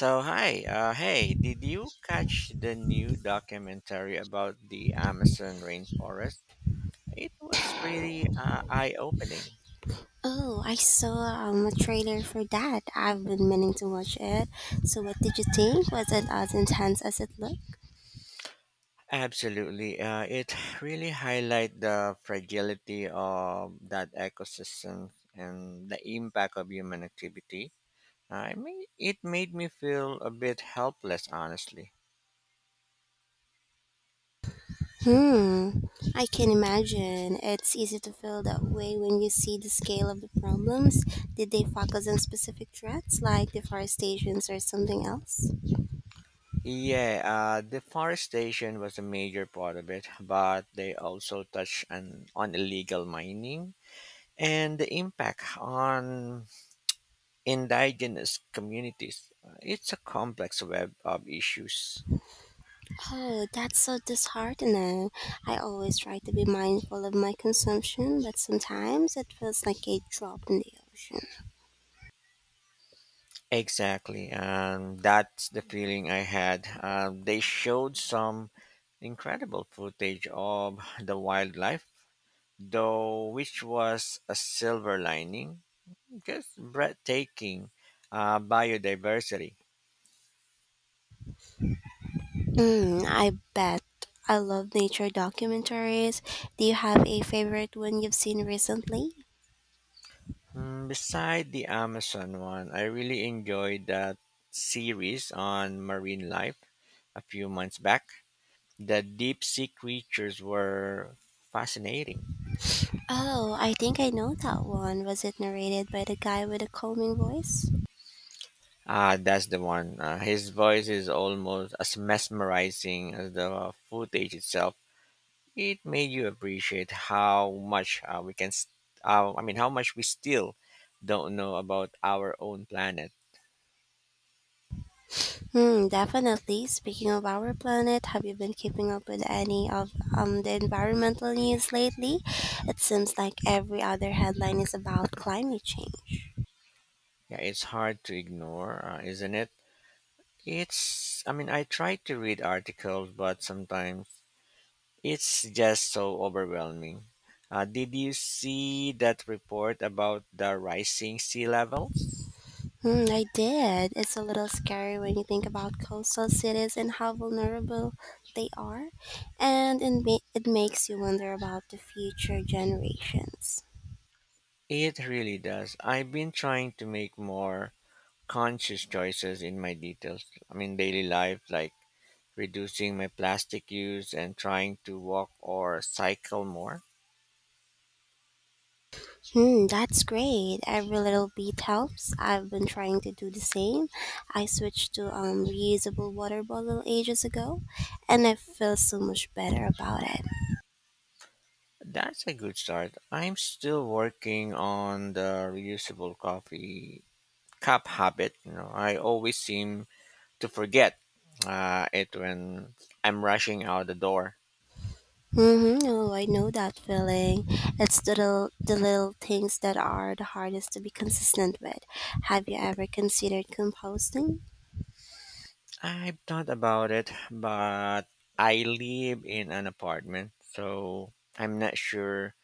So hi, hey, did you catch the new documentary about the Amazon rainforest? It was pretty eye-opening. Oh, I saw a trailer for that. I've been meaning to watch it. So, what did you think? Was it as intense as it looked? Absolutely, it really highlight the fragility of that ecosystem and the impact of human activity. I mean, it made me feel a bit helpless, honestly. Hmm, I can imagine. It's easy to feel that way when you see the scale of the problems. Did they focus on specific threats like deforestations or something else? Yeah, deforestation was a major part of it, but they also touched on illegal mining and the impact on indigenous communities. It's a complex web of issues. Oh, that's so disheartening. I always try to be mindful of my consumption, but sometimes it feels like a drop in the ocean. Exactly, and that's the feeling I had. They showed some incredible footage of the wildlife, though, which was a silver lining, just breathtaking biodiversity. Mm, I bet. I love nature documentaries. Do you have a favorite one you've seen recently? Mm, beside the Amazon one, I really enjoyed that series on marine life a few months back. The deep sea creatures were fascinating. Oh, I think I know that one. Was it narrated by the guy with the calming voice? Ah, that's the one. His voice is almost as mesmerizing as the footage itself. It made you appreciate how much we can, st- I mean, how much we still don't know about our own planet. Hmm, definitely. Speaking of our planet, have you been keeping up with any of the environmental news lately? It seems like every other headline is about climate change. Yeah, it's hard to ignore, isn't it? I mean, I try to read articles, but sometimes it's just so overwhelming. Did you see that report about the rising sea levels? Mm, I did. It's a little scary when you think about coastal cities and how vulnerable they are, and it makes you wonder about the future generations. It really does. I've been trying to make more conscious choices in my details. I mean, daily life, like reducing my plastic use and trying to walk or cycle more. Hmm, that's great. Every little bit helps. I've been trying to do the same. I switched to reusable water bottle ages ago, and I feel so much better about it. That's a good start. I'm still working on the reusable coffee cup habit. I always seem to forget it when I'm rushing out the door. Mm-hmm. Oh, I know that feeling. It's the little things that are the hardest to be consistent with. Have you ever considered composting? I've thought about it, but I live in an apartment, so I'm not sure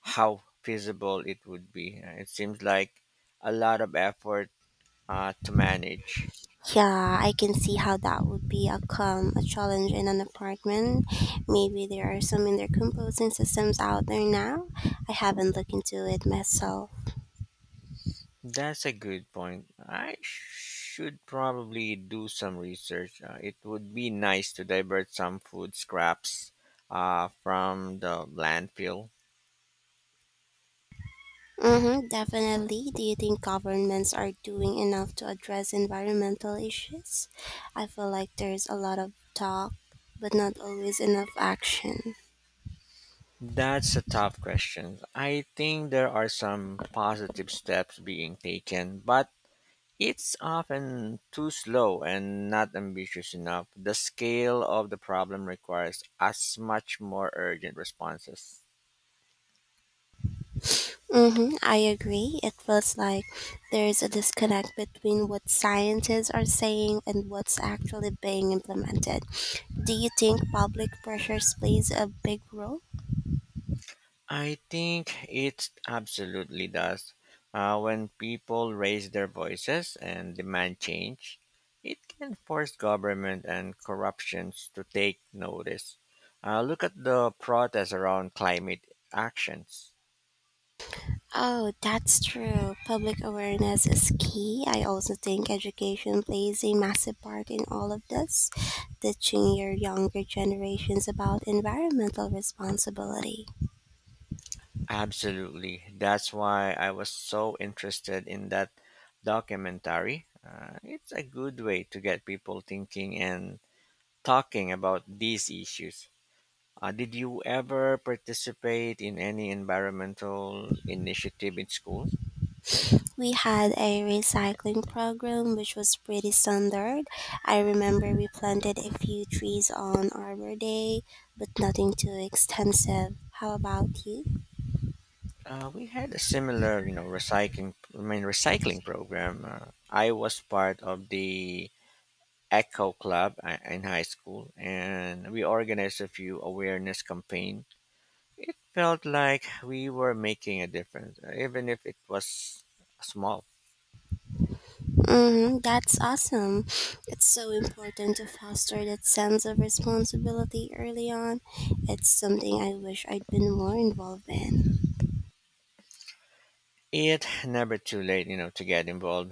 how feasible it would be. It seems like a lot of effort to manage. Yeah, I can see how that would be a challenge in an apartment. Maybe there are some in their composting systems out there now. I haven't looked into it myself. That's a good point. I should probably do some research. It would be nice to divert some food scraps from the landfill. Mm-hmm, definitely. Do you think governments are doing enough to address environmental issues? I feel like there's a lot of talk, but not always enough action. That's a tough question. I think there are some positive steps being taken, but it's often too slow and not ambitious enough. The scale of the problem requires as much more urgent responses. Mm-hmm, I agree. It feels like there's a disconnect between what scientists are saying and what's actually being implemented. Do you think public pressures plays a big role? I think it absolutely does. When people raise their voices and demand change, it can force government and corruptions to take notice. Look at the protests around climate actions. Oh, that's true. Public awareness is key. I also think education plays a massive part in all of this, teaching your younger generations about environmental responsibility. Absolutely. That's why I was so interested in that documentary. It's a good way to get people thinking and talking about these issues. Did you ever participate in any environmental initiative in school? We had a recycling program which was pretty standard. I remember we planted a few trees on Arbor Day, but nothing too extensive. How about you? We had a similar, recycling program. I was part of the Echo Club in high school, and we organized a few awareness campaign. It felt like we were making a difference, even if it was small. Mm, that's awesome. It's so important to foster that sense of responsibility early on. It's something I wish I'd been more involved in. It never too late, you know, to get involved.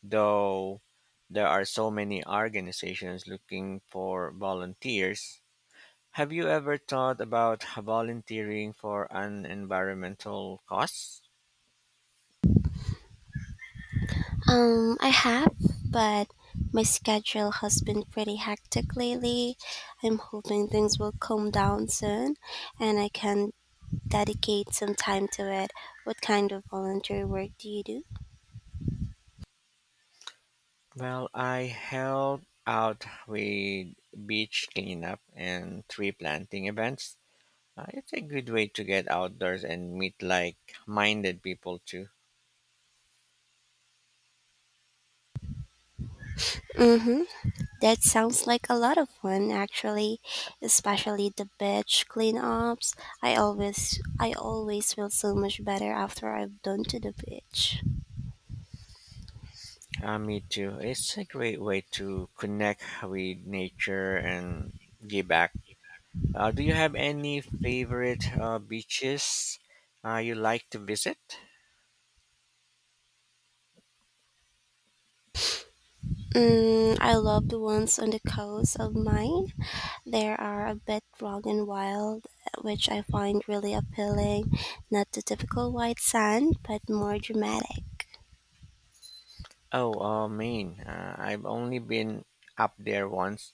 Though there are so many organizations looking for volunteers, have you ever thought about volunteering for an environmental cause? I have, but my schedule has been pretty hectic lately. I'm hoping things will calm down soon and I can dedicate some time to it. What kind of volunteer work do you do? Well, I help out with beach cleanup and tree planting events. It's a good way to get outdoors and meet like minded people too. Mm-hmm. That sounds like a lot of fun actually, especially the beach cleanups. I always feel so much better after I've done to the beach. Me too. It's a great way to connect with nature and give back. Do you have any favorite beaches you like to visit? Mm, I love the ones on the coast of mine. They are a bit rough and wild, which I find really appealing. Not the typical white sand, but more dramatic. Oh, Maine. I've only been up there once,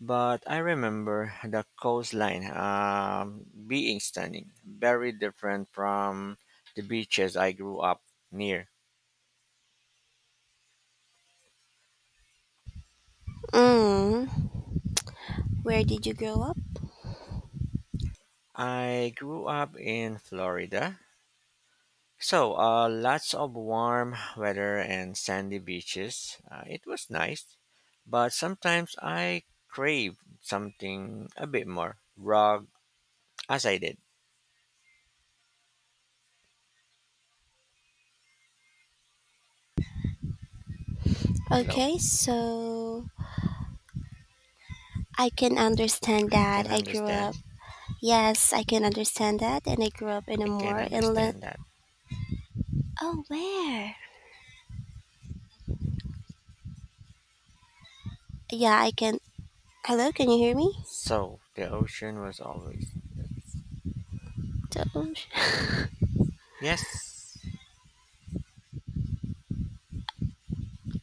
but I remember the coastline being stunning, very different from the beaches I grew up near. Mm, where did you grow up? I grew up in Florida, so, lots of warm weather and sandy beaches. It was nice, but sometimes I crave something a bit more raw, as I did. You know, Okay, so I can understand I that can I grew up. understand. Yes, I can understand that, and I grew up in a I can more inland. understand that. Oh, where? Yeah, I can. Hello, can you hear me? So, the ocean was always The ocean. yes,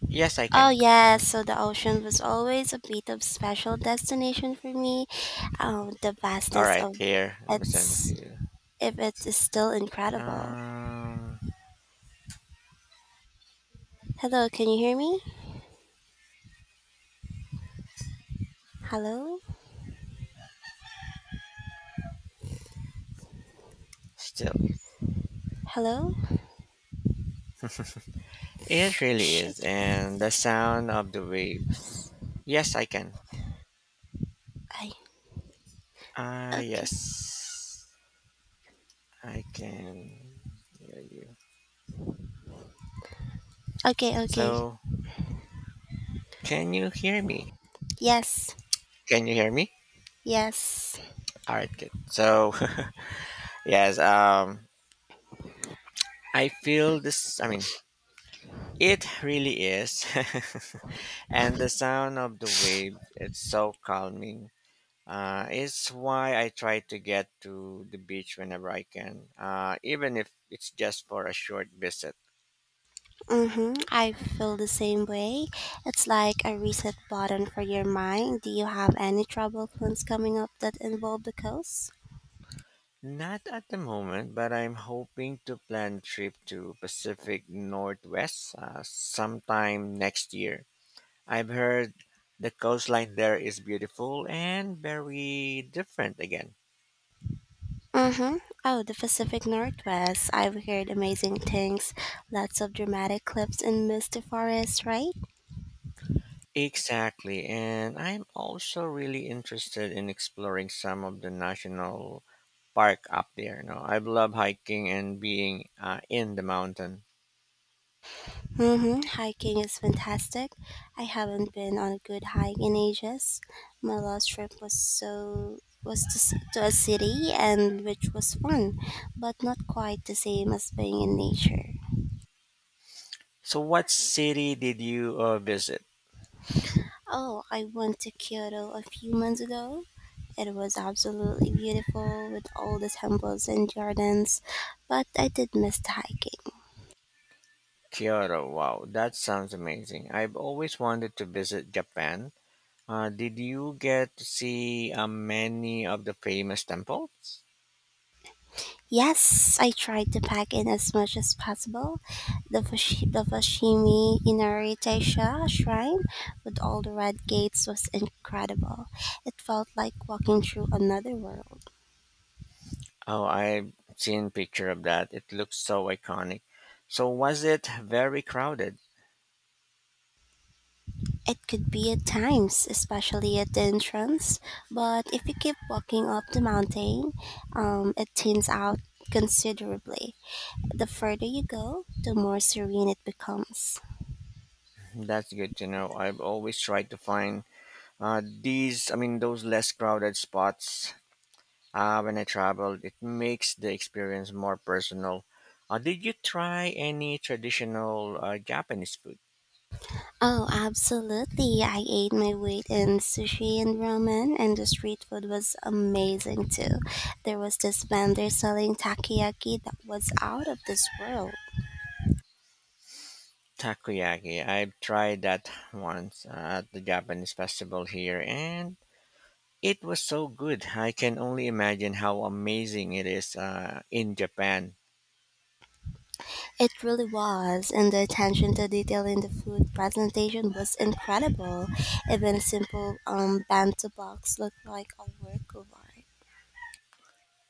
yes, I Oh, can. Mhm. yes. So the ocean was always a bit of special destination for me. The All vastness right, of here let me send it its, to you. if it is still incredible. Um, Hello, can you hear me? Hello, Still, hello. it really Shit. is, and the sound of the waves. Yes, I can. I Ah, okay, yes. I can hear you. Okay. So, can you hear me? Yes, Can you hear me? yes. All right, good. So, yes, I feel this I mean, it really is. And the sound of the wave, it's so calming. It's why I try to get to the beach whenever I can, even if it's just for a short visit. Mm-hmm. I feel the same way. It's like a reset button for your mind. Do you have any travel plans coming up that involve the coast? Not at the moment, but I'm hoping to plan trip to Pacific Northwest sometime next year. I've heard the coastline there is beautiful and very different again. Mm-hmm. Oh, the Pacific Northwest. I've heard amazing things. Lots of dramatic cliffs and misty forests, right? Exactly, and I'm also really interested in exploring some of the national park up there. You know, I love hiking and being in the mountain. Mm-hmm. Hiking is fantastic. I haven't been on a good hike in ages. My last trip was to, to a city and which was fun, but not quite the same as being in nature. So, what city did you visit? Oh, I went to Kyoto a few months ago. It was absolutely beautiful with all the temples and gardens, but I did miss the hiking. Kyoto, wow, that sounds amazing. I've always wanted to visit Japan. Did you get to see many of the famous temples? Yes, I tried to pack in as much as possible. The Fushimi Inari Taisha shrine with all the red gates was incredible. It felt like walking through another world. Oh, I've seen picture of that. It looks so iconic. So was it very crowded? It could be at times, especially at the entrance, but if you keep walking up the mountain, it thins out considerably. The further you go, the more serene it becomes. That's good to know. I've always tried to find those less crowded spots when I traveled. It makes the experience more personal. Did you try any traditional Japanese food? Oh, absolutely. I ate my weight in sushi and ramen, and the street food was amazing too. There was this vendor selling takoyaki that was out of this world. Takoyaki. I've tried that once at the Japanese festival here, and it was so good. I can only imagine how amazing it is in Japan. It really was, and the attention to detail in the food presentation was incredible. Even a simple bento box looked like a work of art.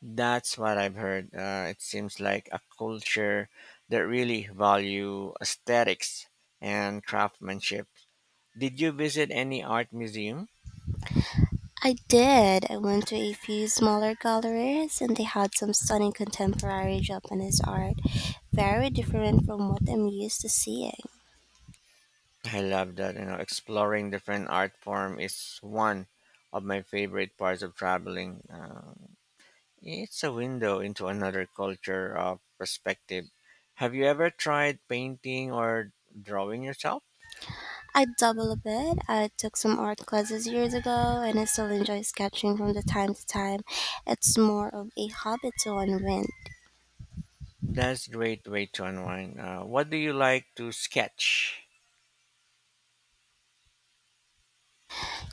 That's what I've heard. It seems like a culture that really value aesthetics and craftsmanship. Did you visit any art museum? I did. I went to a few smaller galleries, and they had some stunning contemporary Japanese art, very different from what I'm used to seeing. I love that. You know, exploring different art form is one of my favorite parts of traveling. It's a window into another culture of perspective. Have you ever tried painting or drawing yourself? I double a bit. I took some art classes years ago, and I still enjoy sketching from the time to time. It's more of a hobby to unwind. That's a great way to unwind. What do you like to sketch?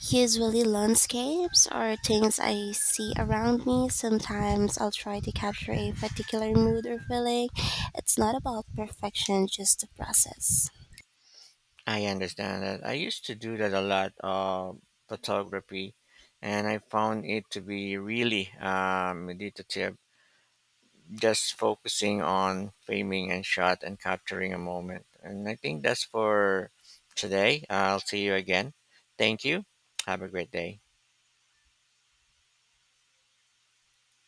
Usually, landscapes are things I see around me. Sometimes I'll try to capture a particular mood or feeling. It's not about perfection, just the process. I understand that. I used to do that a lot of photography, and I found it to be really meditative, just focusing on framing and shot and capturing a moment. And I think that's for today. I'll see you again. Thank you. Have a great day.